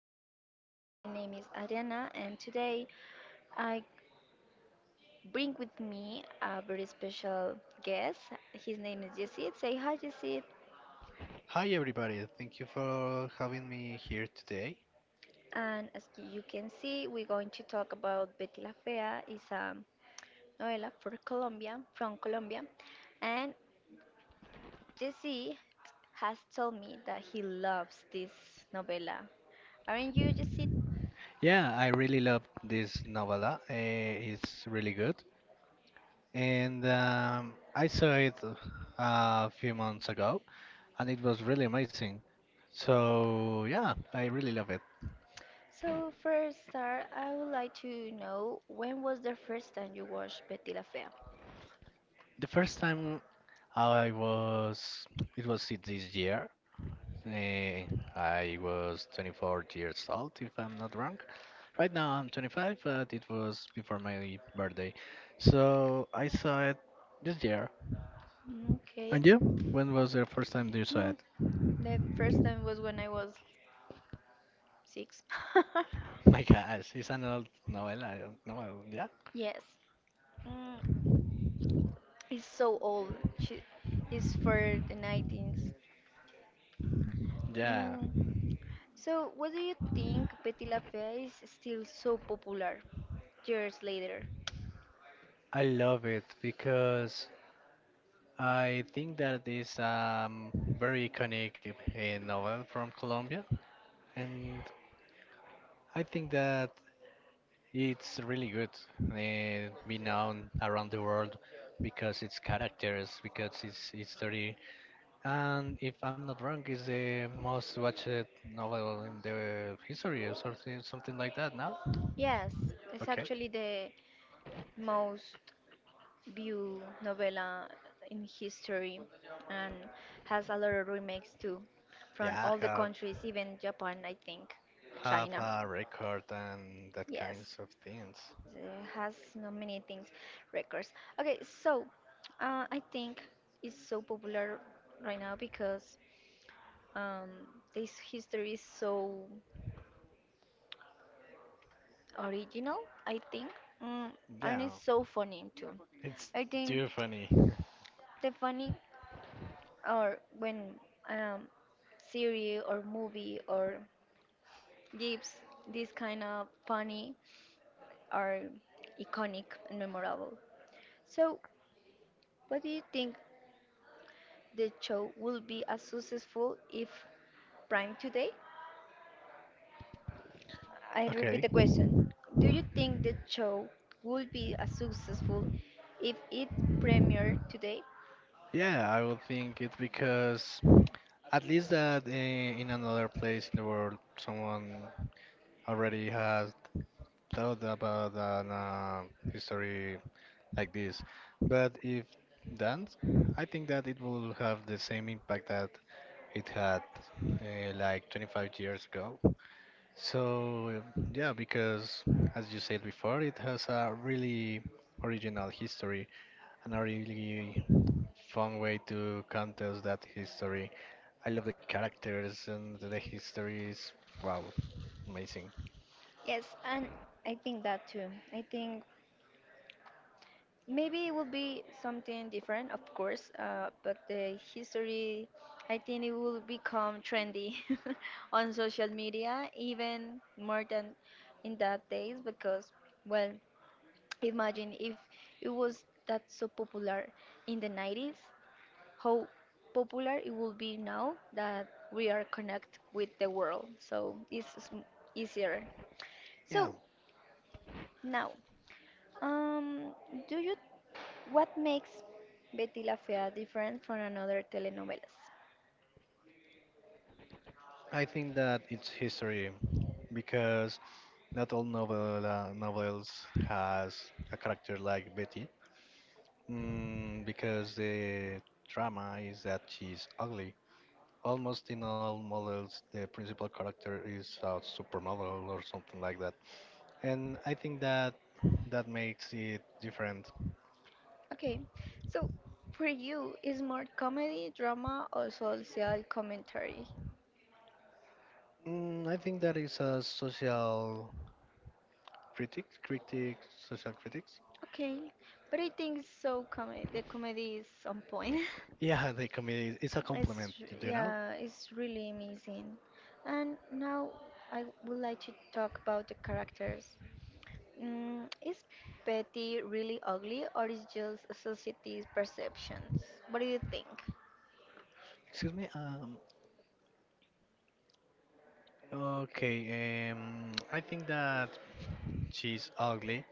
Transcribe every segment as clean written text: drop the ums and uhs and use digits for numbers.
again. And my name is Adriana, and today I bring with me a very special guest. His name is Yesid. Say hi, Yesid. Hi everybody, thank you for having me here today. And as you can see, we're going to talk about Betty La Fea. Is a novela for Colombia, from Colombia, and Jesse has told me that he loves this novela. Aren't you, Jesse? Yeah, I really love this novella. It's really good. And I saw it a few months ago and it was really amazing. So, yeah, I really love it. So first start, I would like to know when was the first time you watched Betty La Fea? The first time I was, it was it this year. eh, I was 24 years old, if I'm not wrong. Right now I'm 25, but it was before my birthday. So I saw it this year. Mm, okay. And you? When was the first time you saw Hmm. it? The first time was when I was six. My gosh, it's an old novella. I don't know. Yeah. Yes. Mm, it's so old. She is for the 19s. Yeah, Mm. So what do you think Betty La Fea is still so popular years later? I love it because I think that is very iconic novel from Colombia, and I think that it's really good be known around the world because its characters, because its story. And if I'm not wrong, is the most watched novel in the history or something, something like that now? Yes, it's Okay. actually the most. View novella in history and has a lot of remakes too from Yeah, all the have countries, even Japan, I think, China. a record and that Yes, kinds of things. it has no many things, records. Okay, so I think it's so popular right now because um, this history is so original, I think, mm, and Yeah, it's so funny too. it's I think too funny. the funny or when um, series or movie or gives this kind of funny are iconic and memorable. So, what do you think the show will be as successful if prime today? I repeat Okay. the question. Do you think the show would be as successful if it premiered today? Yeah, I would think it's because at least that in another place in the world, someone already has thought about an history like this, but if done, I think that it will have the same impact that it had like 25 years ago. So yeah, because as you said before, it has a really original history and a really fun way to contest that history. I love the characters and the history is wow, amazing. Yes, and I think that too. I think maybe it will be something different, of course, but the history, I think it will become trendy on social media even more than in that days because, well, imagine if it was that so popular in the 90s, how popular it will be now that we are connect with the world. So it's easier. Yeah, So now. Um, do you what makes Betty la Fea different from another telenovelas? I think that its history, because not all novels has a character like Betty. Mm, because the drama is that she's ugly. Almost in all models, the principal character is a supermodel or something like that, and I think that that makes it different. Okay, so for you is more comedy, drama, or social commentary? Mm, I think that is a critic, critic, social critics. Okay, but I think so. Comedy, the comedy is on point. Yeah, they comedy. It's a It's compliment, you know. yeah, it's really amazing. And now I would like to talk about the characters. Mm, is Betty really ugly or is just society's perceptions? What do you think? Excuse me. Okay, I think that she's ugly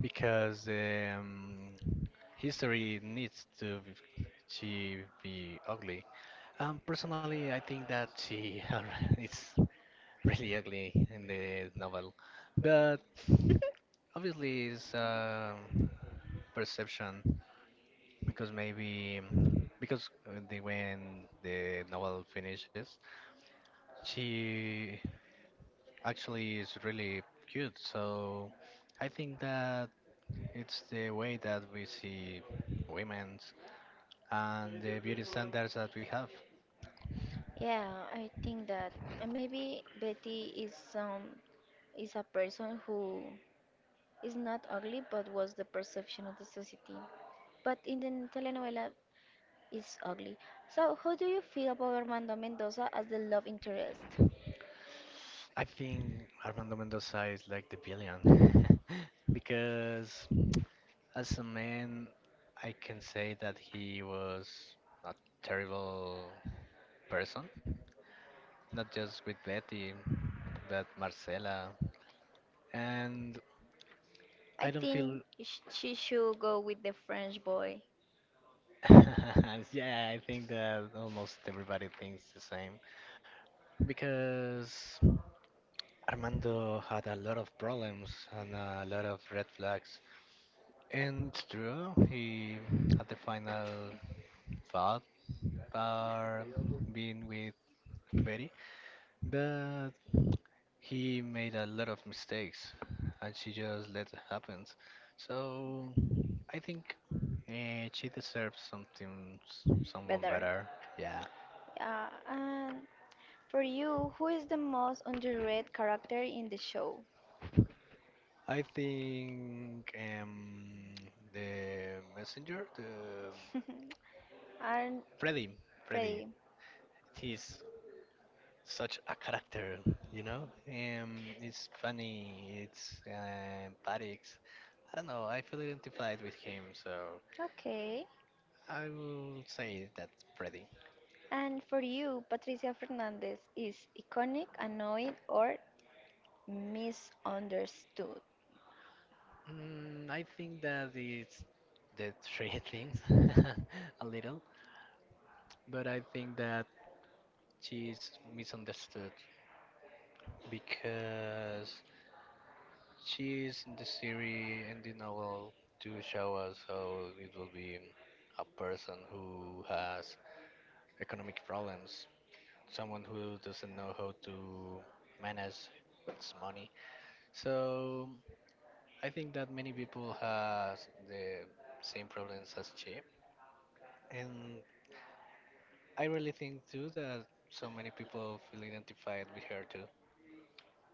because history needs to be, she be ugly. Personally, I think that she is really ugly in the novel, but obviously it's perception because maybe because when the novel finishes, she actually is really cute. So I think that it's the way that we see women's and the beauty standards that we have. Yeah, I think that maybe Betty is a person who is not ugly but was the perception of the society. But in the telenovela is ugly. So how do you feel about Armando Mendoza as the love interest? I think Armando Mendoza is like the billion because as a man, I can say that he was a terrible person, not just with Betty, but Marcela. And I I don't feel think she should go with the French boy Yeah, I think that almost everybody thinks the same because Armando had a lot of problems and a lot of red flags. And it's true, he had the final thought about being with Betty, but he made a lot of mistakes and she just let it happen. So I think she deserves someone better. better. Yeah. Yeah, and. For you, who is the most underrated character in the show? I think the messenger, the And Freddy, Freddy. Freddy. He's such a character, you know. It's funny. It's empathic. I don't know. I feel identified with him, so Okay. I will say that Freddy. And for you, Patricia Fernandez is iconic, annoying, or misunderstood? Mm, I think that it's the three things a little, but I think that she's misunderstood because she is in the series and the novel to show us how it will be a person who has economic problems, someone who doesn't know how to manage its money. So I think that many people has the same problems as she, and I really think too that so many people feel identified with her too.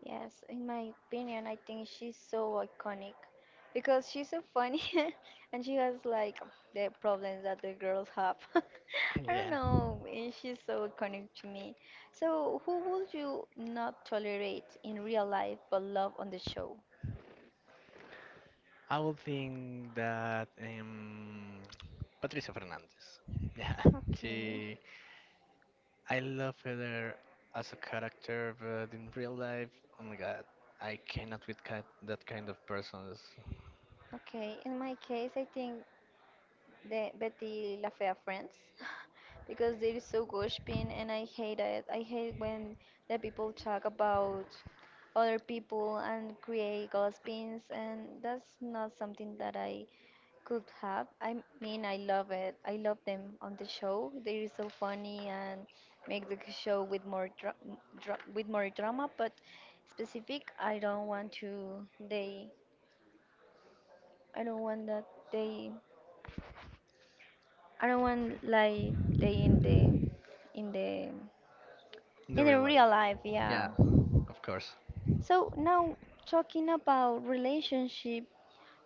Yes, in my opinion, I think she's so iconic because she's so funny and she has like the problems that the girls have. I don't Yeah. know, she's so iconic to me. So, who would you not tolerate in real life but love on the show? I would think that Patricia Fernandez. Yeah, Okay, she. I love her as a character, but in real life, oh my god, I cannot with that kind of persons okay. In my case, I think the Betty La Fea friends because they're so gossiping and I hate it. I hate when the people talk about other people and create gossipings and that's not something that I could have. I mean I love it. I love them on the show. They're so funny and make the show with more with more drama but specific I don't want to they I don't want that they I don't want like they in the in the in the in the real life. real life, yeah. Yeah, of course. So now talking about relationship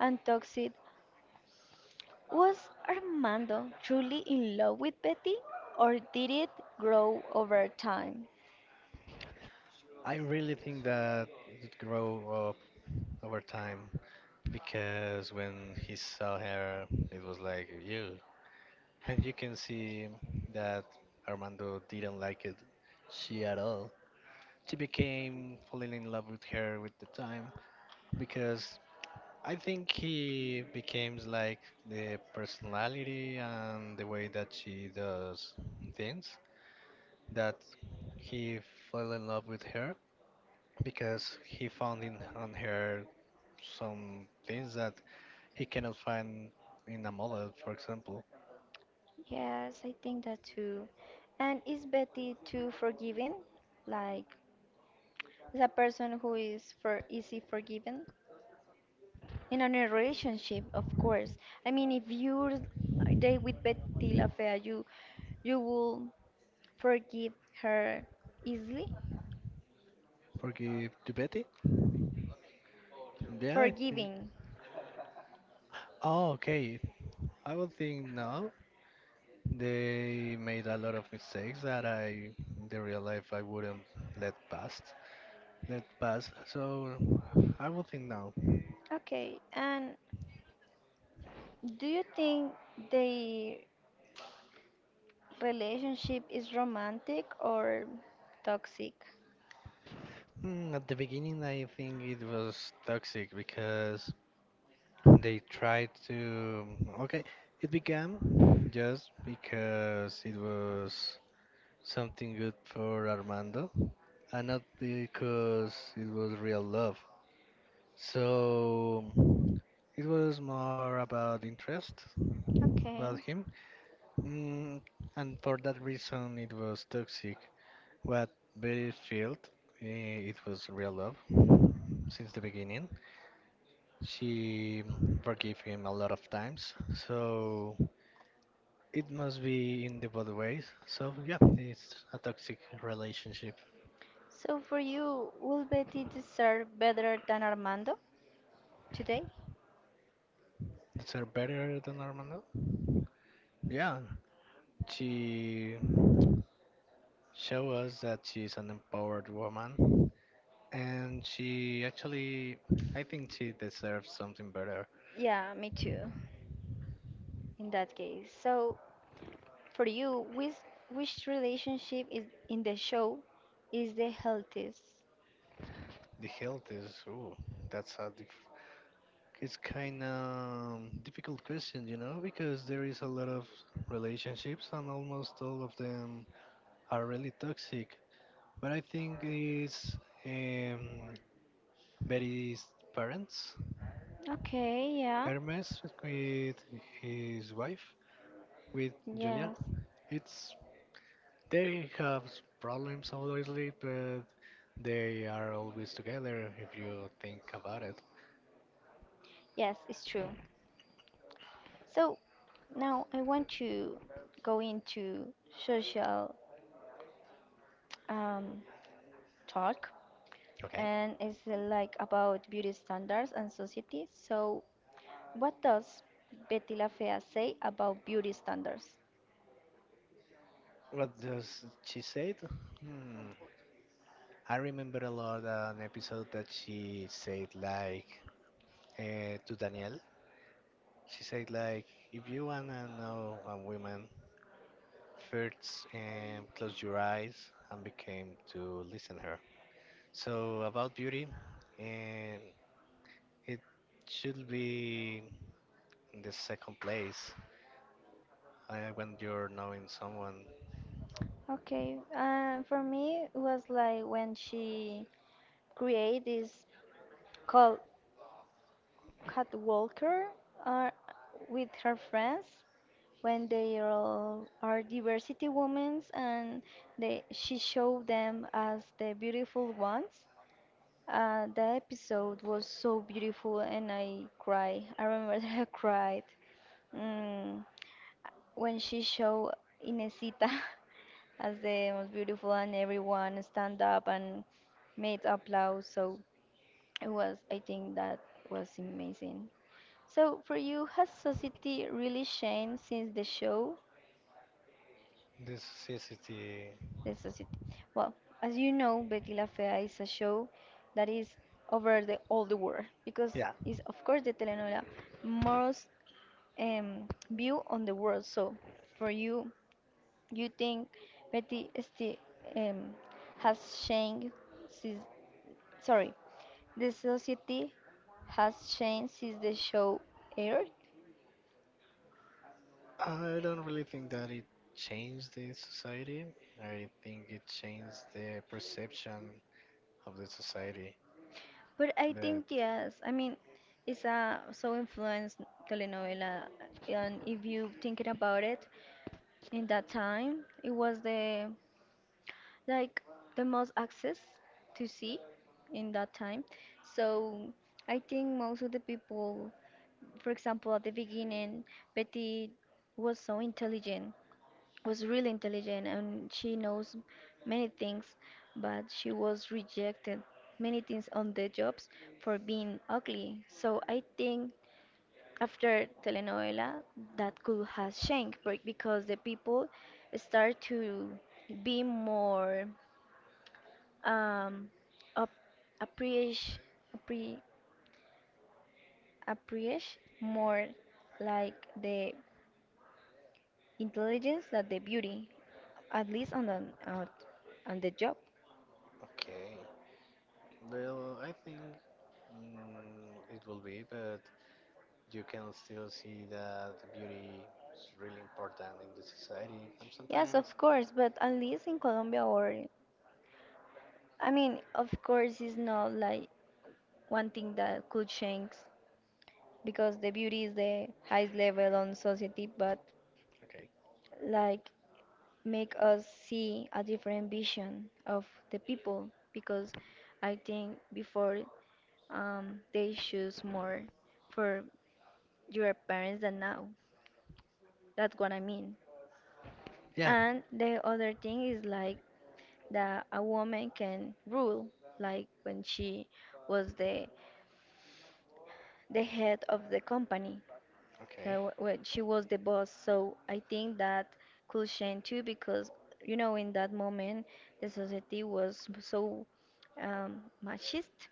and toxic, was Armando truly in love with Betty or did it grow over time? I really think that it grow up over time because when he saw her, it was like you, and you can see that Armando didn't like it, she at all. She became falling in love with her with the time because I think he becomes like the personality and the way that she does things that he fell in love with her because he found in on her some things that he cannot find in a model, for example. Yes, I think that too. And is Betty too forgiving? Like is a person who is for easy forgiven? In a relationship, of course. I mean, if you date with Betty La Fea, you will forgive her easily? Forgive to Betty? Yeah, I think. Forgiving. Oh, okay. I would think no. They made a lot of mistakes that I, in the real life, I wouldn't let pass. Let pass. So I would think now. Okay. And do you think the relationship is romantic or toxic? Mm, at the beginning, I think it was toxic because they tried to. Okay, it began just because it was something good for Armando, and not because it was real love. So it was more about interest Okay. about him, mm, and for that reason it was toxic. What Betty felt, it was real love since the beginning. She forgave him a lot of times, so it must be in the both ways. So yeah, it's a toxic relationship. So for you, will Betty deserve better than Armando today? That's her better than normal, no? Yeah, she show us that she's an empowered woman and she actually, I think she deserves something better. Yeah, me too. In that case. So for you, which relationship is in the show is the healthiest? The health is ooh, that's a dif- it's kind of difficult question, you know, because there is a lot of relationships and almost all of them are really toxic, but I think it's um, Betty's parents, Okay, yeah. Hermes with his wife, with Julia. Yes, It's They have problems, obviously, but they are always together if you think about it. yes, it's true. So now I want to go into social um, talk, Okay. and it's like about beauty standards and society. So, what does Betty La Fea say about beauty standards? What does she say? Hmm. I remember a lot an episode that she said like to Daniel. She said like, if you wanna know a woman, first close your eyes and became to listen her. So about beauty, and it should be in the second place I, when you're knowing someone, Okay. For me, it was like when she created this call Cat Walker are with her friends when they are, all are diversity women and they, she showed them as the beautiful ones. The episode was so beautiful and I cried. I remember that I cried mm, when she showed Inesita as the most beautiful and everyone stand up and made applause. So it was, I think that was amazing. So for you, has society really changed since the show? this society, The society. Well, as you know, Betty La Fea is a show that is over the all the world because yeah, it's of course the telenovela most view on the world. So for you, you think Betty still um, has changed since? Sorry, the society has changed since the show aired? I don't really think that it changed the society. I think it changed the perception of the society. But I But think yes. I mean, it's a so influenced telenovela, and if you thinking about it, in that time it was the like the most access to see in that time. So I think most of the people, for example, at the beginning, Betty was so intelligent was really intelligent and she knows many things, but she was rejected many things on the jobs for being ugly. So I think after telenovela that could has changed because the people start to be more um up, appreciate appre, appreciate more like the intelligence than the beauty at least uh, on the job. okay, well, I think mm, it will be, but you can still see that beauty is really important in the society. And Yes, of sometimes, course, but at least in Colombia, or I mean, of course, it's not like one thing that could change because the beauty is the highest level on society, but okay, like make us see a different vision of the people because I think before they choose more for your parents than now. That's what I mean. yeah, And the other thing is like that a woman can rule, like when she was the head of the company, okay, so when she was the boss. So I think that could change too, because you know in that moment the society was so machist,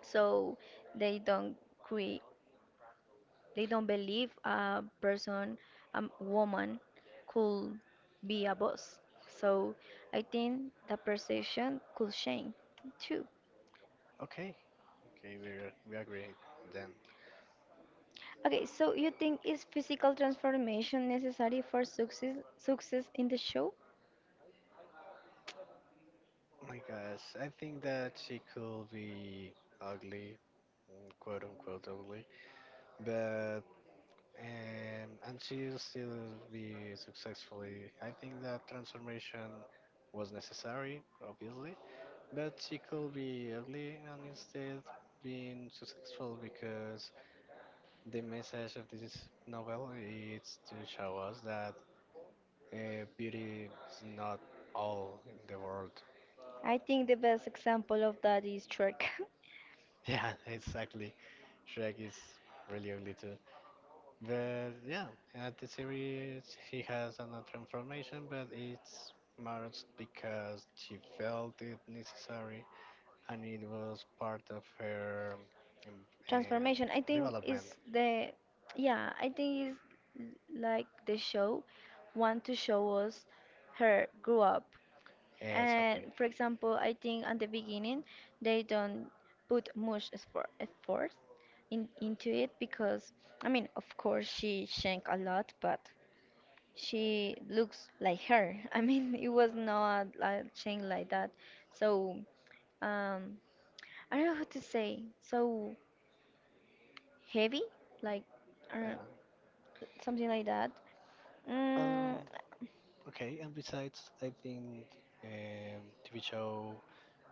so they don't cre- they don't believe a person, a woman, could be a boss. So I think the perception could change too. okay, okay, we agree then. Okay, so you think is physical transformation necessary for success in the show? Oh my gosh, I think that she could be ugly, mm, quote unquote ugly, but and she still be successfully. I think that transformation was necessary, obviously, but she could be ugly and instead being successful because the message of this novel is to show us that beauty is not all in the world. I think the best example of that is Trek. Yeah, exactly. Shrek is really ugly too. But yeah, at the series he has another transformation, but it's Marge because she felt it necessary and it was part of her um, um, Transformation, I think development. is the yeah, I think is like the show want to show us her grew up. And Sadly. for example, I think at the beginning they don't put much effort in, into it because I mean, of course she shank a lot, but she looks like her. I mean, it was not a chain like that. So, um, I don't know what to say. So heavy, like, Yeah. or something like that. Um, Mm, okay, and besides, I think um, TV show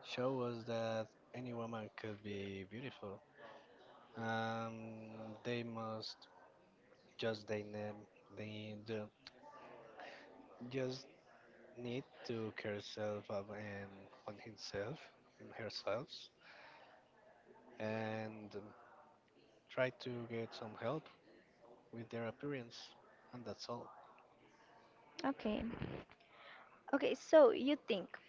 show us that any woman could be beautiful. Um, they must just they name they do just need to care self of and on himself and herself and try to get some help with their appearance and that's all. okay. Okay, so you think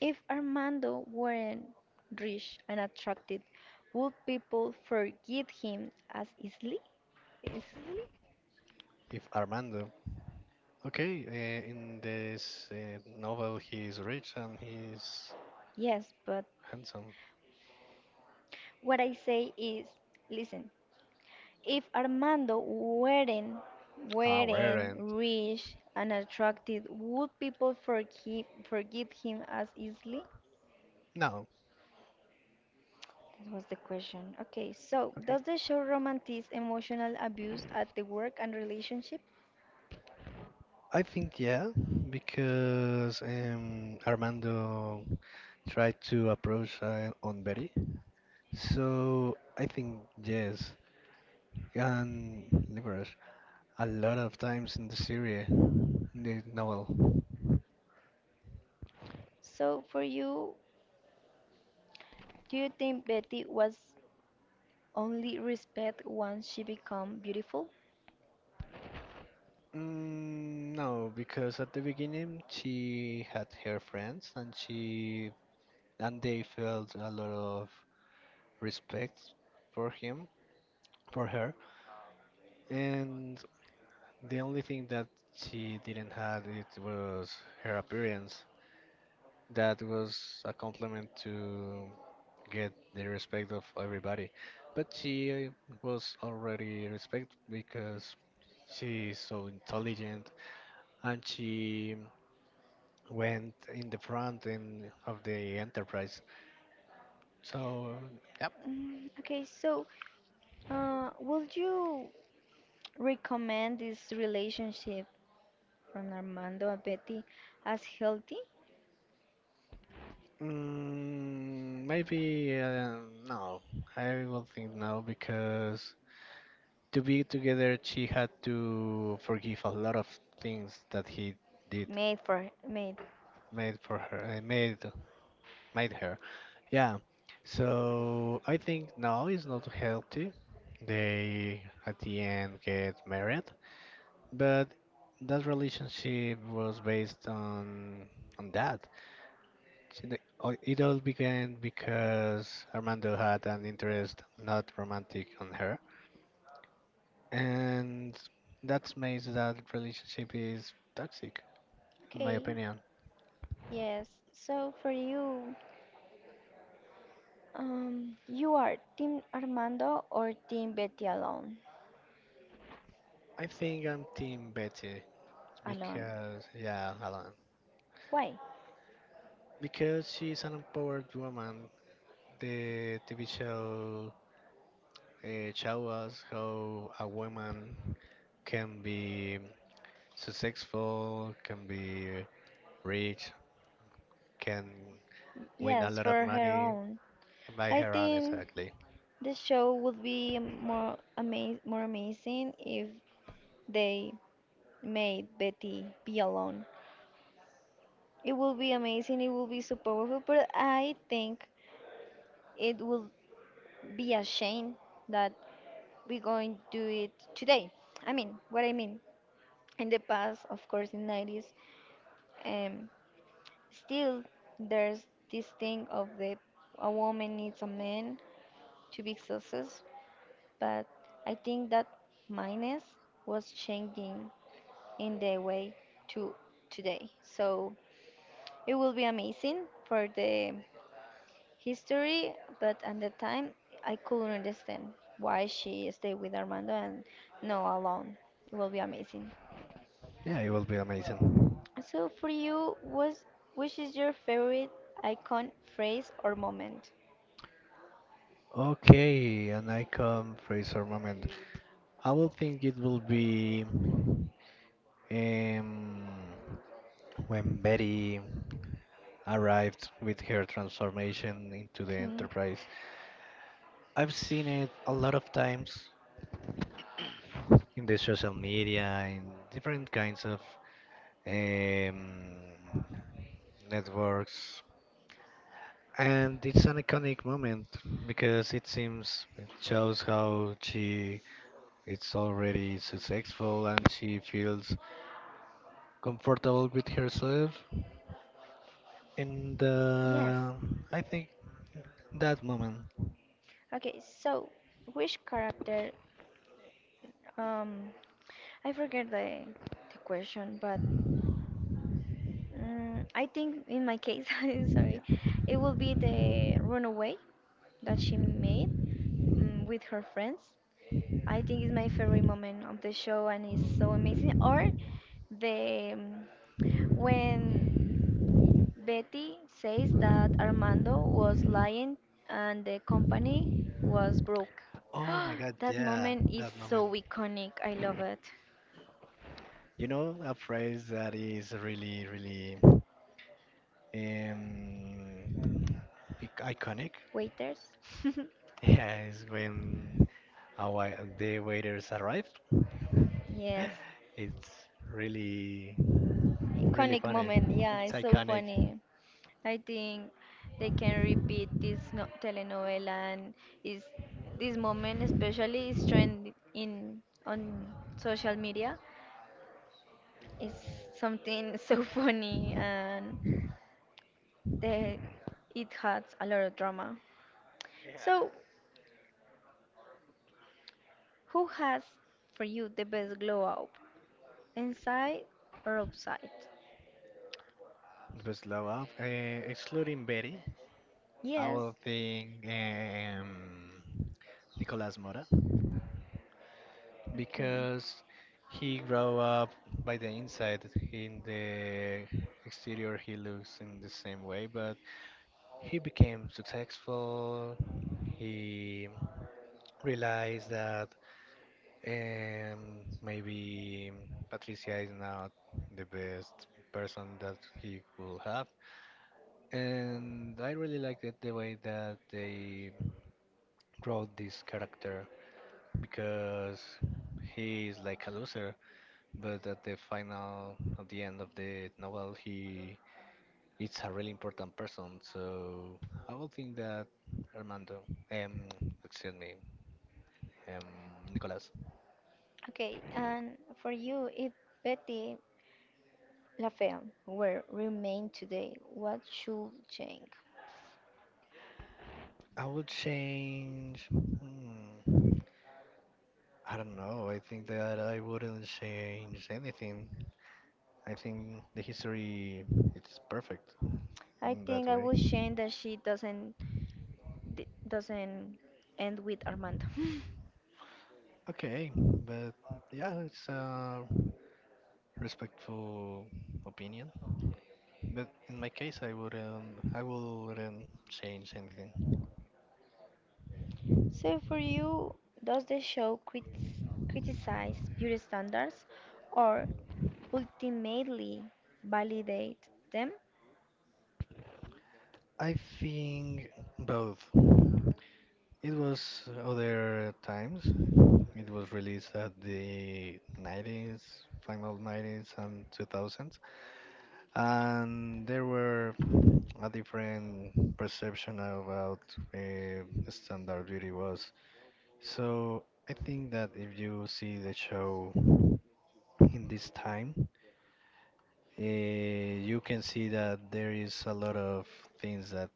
if Armando weren't rich and attractive, would people forgive him as easily? Easily? If Armando, okay, in this novel he is rich and he is Yes, but handsome what I say is, listen, if Armando aware weren't and rich and attractive, would people forgive him as easily? no. That was the question. Okay, so Okay, does the show romanticize emotional abuse at the work and relationship? I think yeah because Armando tried to approach on Betty, so I think yes and livers a lot of times in the series, in the novel. So for you, do you think Betty was only respect once she become beautiful? Mm, no, because at the beginning she had her friends and she and they felt a lot of respect for him, for her. And the only thing that she didn't have it was her appearance. That was a compliment to get the respect of everybody. But she was already respected because she is so intelligent and she went in the front end of the enterprise. So, yep. Mm, okay, so would you recommend this relationship from Armando and Betty as healthy? Mm, maybe no. I will think no because to be together, she had to forgive a lot of things that he did Made for made. made for her, made made her. Yeah, so I think no, it's not healthy. They at the end get married, but that relationship was based on that. So it all began because Armando had an interest not romantic on her, and that's made that relationship is toxic, in my Okay, opinion. yes. So for you, you are Team Armando or Team Betty alone? I think I'm Team Betty Alone. because yeah, Alan Why? because she's an empowered woman. The TV show show us how a woman can be successful, can be rich, can win a Yes, lot of for her money own. by I her own, think exactly. the show would be more amazing if they made Betty be alone. It will be amazing. It will be so powerful. But I think it will be a shame that we're going to do it today. I mean, what I mean. In the past, of course, in 90s, um, still there's this thing of the a woman needs a man to be successful, but I think that minus was changing in the way to today. So it will be amazing for the history, but at the time I couldn't understand why she stayed with Armando and no alone. It will be amazing. Yeah, it will be amazing. So for you, was which is your favorite icon, phrase, or moment? Okay, and I come Fraser moment. I will think it will be um, when Betty arrived with her transformation into the Okay. Enterprise. I've seen it a lot of times, in the social media, in different kinds of um, networks. And it's an iconic moment because it seems it shows how she is already successful and she feels comfortable with herself. And Yes. I think that moment. Okay. So which character? Um, I forget the question, but mm I think in my case, I'm Yeah. sorry, it will be the runaway that she made mm with her friends. I think it's my favorite moment of the show, and it's so amazing. Or the when Betty says that Armando was lying and the company was broke. Oh my god, That yeah, moment is that moment. so iconic. I love it. You know, a phrase that is really, really um, iconic Waiters? is when a the waiters arrive. Yes. It's really, really Iconic funny. moment. Yeah, It's it's so iconic. funny. I think they can repeat this no telenovela and is this moment especially is trending in on social media. It's something so funny and the, it has a lot of drama. So, who has for you the best glow up? Inside or outside? The slow up, excluding Betty, I Yes. will think Nicolas Mora Okay. because he grow up by the inside. In the exterior, he looks in the same way, but he became successful. He realized that maybe Patricia is not the best person that he will have. And I really liked it the way that they wrote this character because he is like a loser, but at the final, at the end of the novel, he it's a really important person. So I would think that Armando, um, excuse me, um, Nicolas. Okay, and for you, if Betty LaFemme were remain today, what should change? I would change. Hmm, I don't know. I think that I wouldn't change anything. I think the history it's perfect I in think that I way. would change that she doesn't end with Armando. Okay, but yeah, it's a respectful opinion. But in my case, I wouldn't change anything. So, for you, does the show criticize beauty standards or ultimately validate them? I think both. It was other times. It was released at the 90s, final 90s and 2000s, and there were a different perception about uh, standard beauty was. So I think that if you see the show in this time, you can see that there is a lot of things that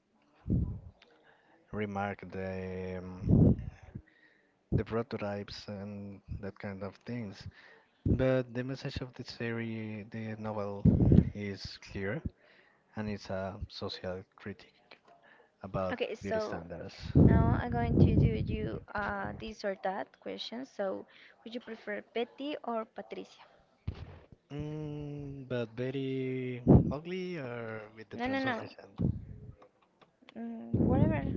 remark the prototypes and that kind of things. But the message of the series, the novel, is clear, and it's a social critic about Okay, beauty so standards. now I'm going to do you this or that question. So, would you prefer Betty or Patricia? Mm, but very ugly or with the No, no, no. transformation? Mm, whatever.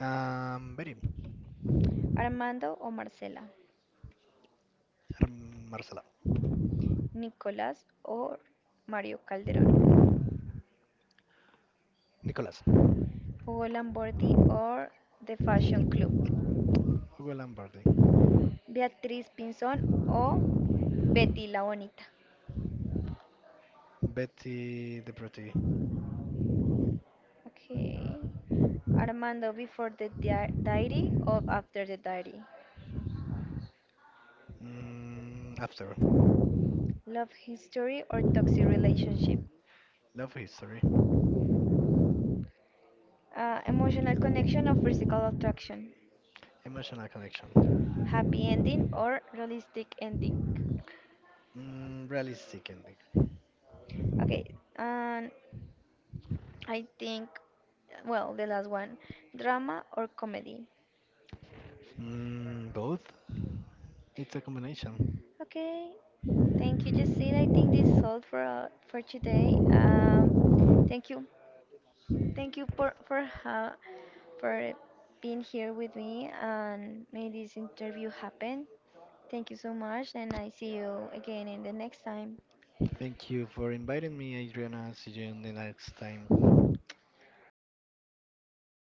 Very. Armando o Marcela? Marcela. Nicolás or Mario Calderón? Nicolas. Hugo Lamborghini or The Fashion Club? Hugo Lombardi. Beatriz Pinzón o Betty la Bonita. Betty the Pretty. Okay. Armando before the diary or after the diary. Mm, after. Love history or toxic relationship. Love history. Emotional connection or physical attraction. Emotional connection. Happy ending or realistic ending. Mm, realistic ending. Okay, and I think, well, the last one, drama or comedy. Mm, both? It's a combination. Okay, thank you, Jessy. I think this is all for today. Thank you thank you for being here with me and made this interview happen. Thank you so much, and I see you again in the next time. Thank you for inviting me, Adriana. See you in the next time. Bye.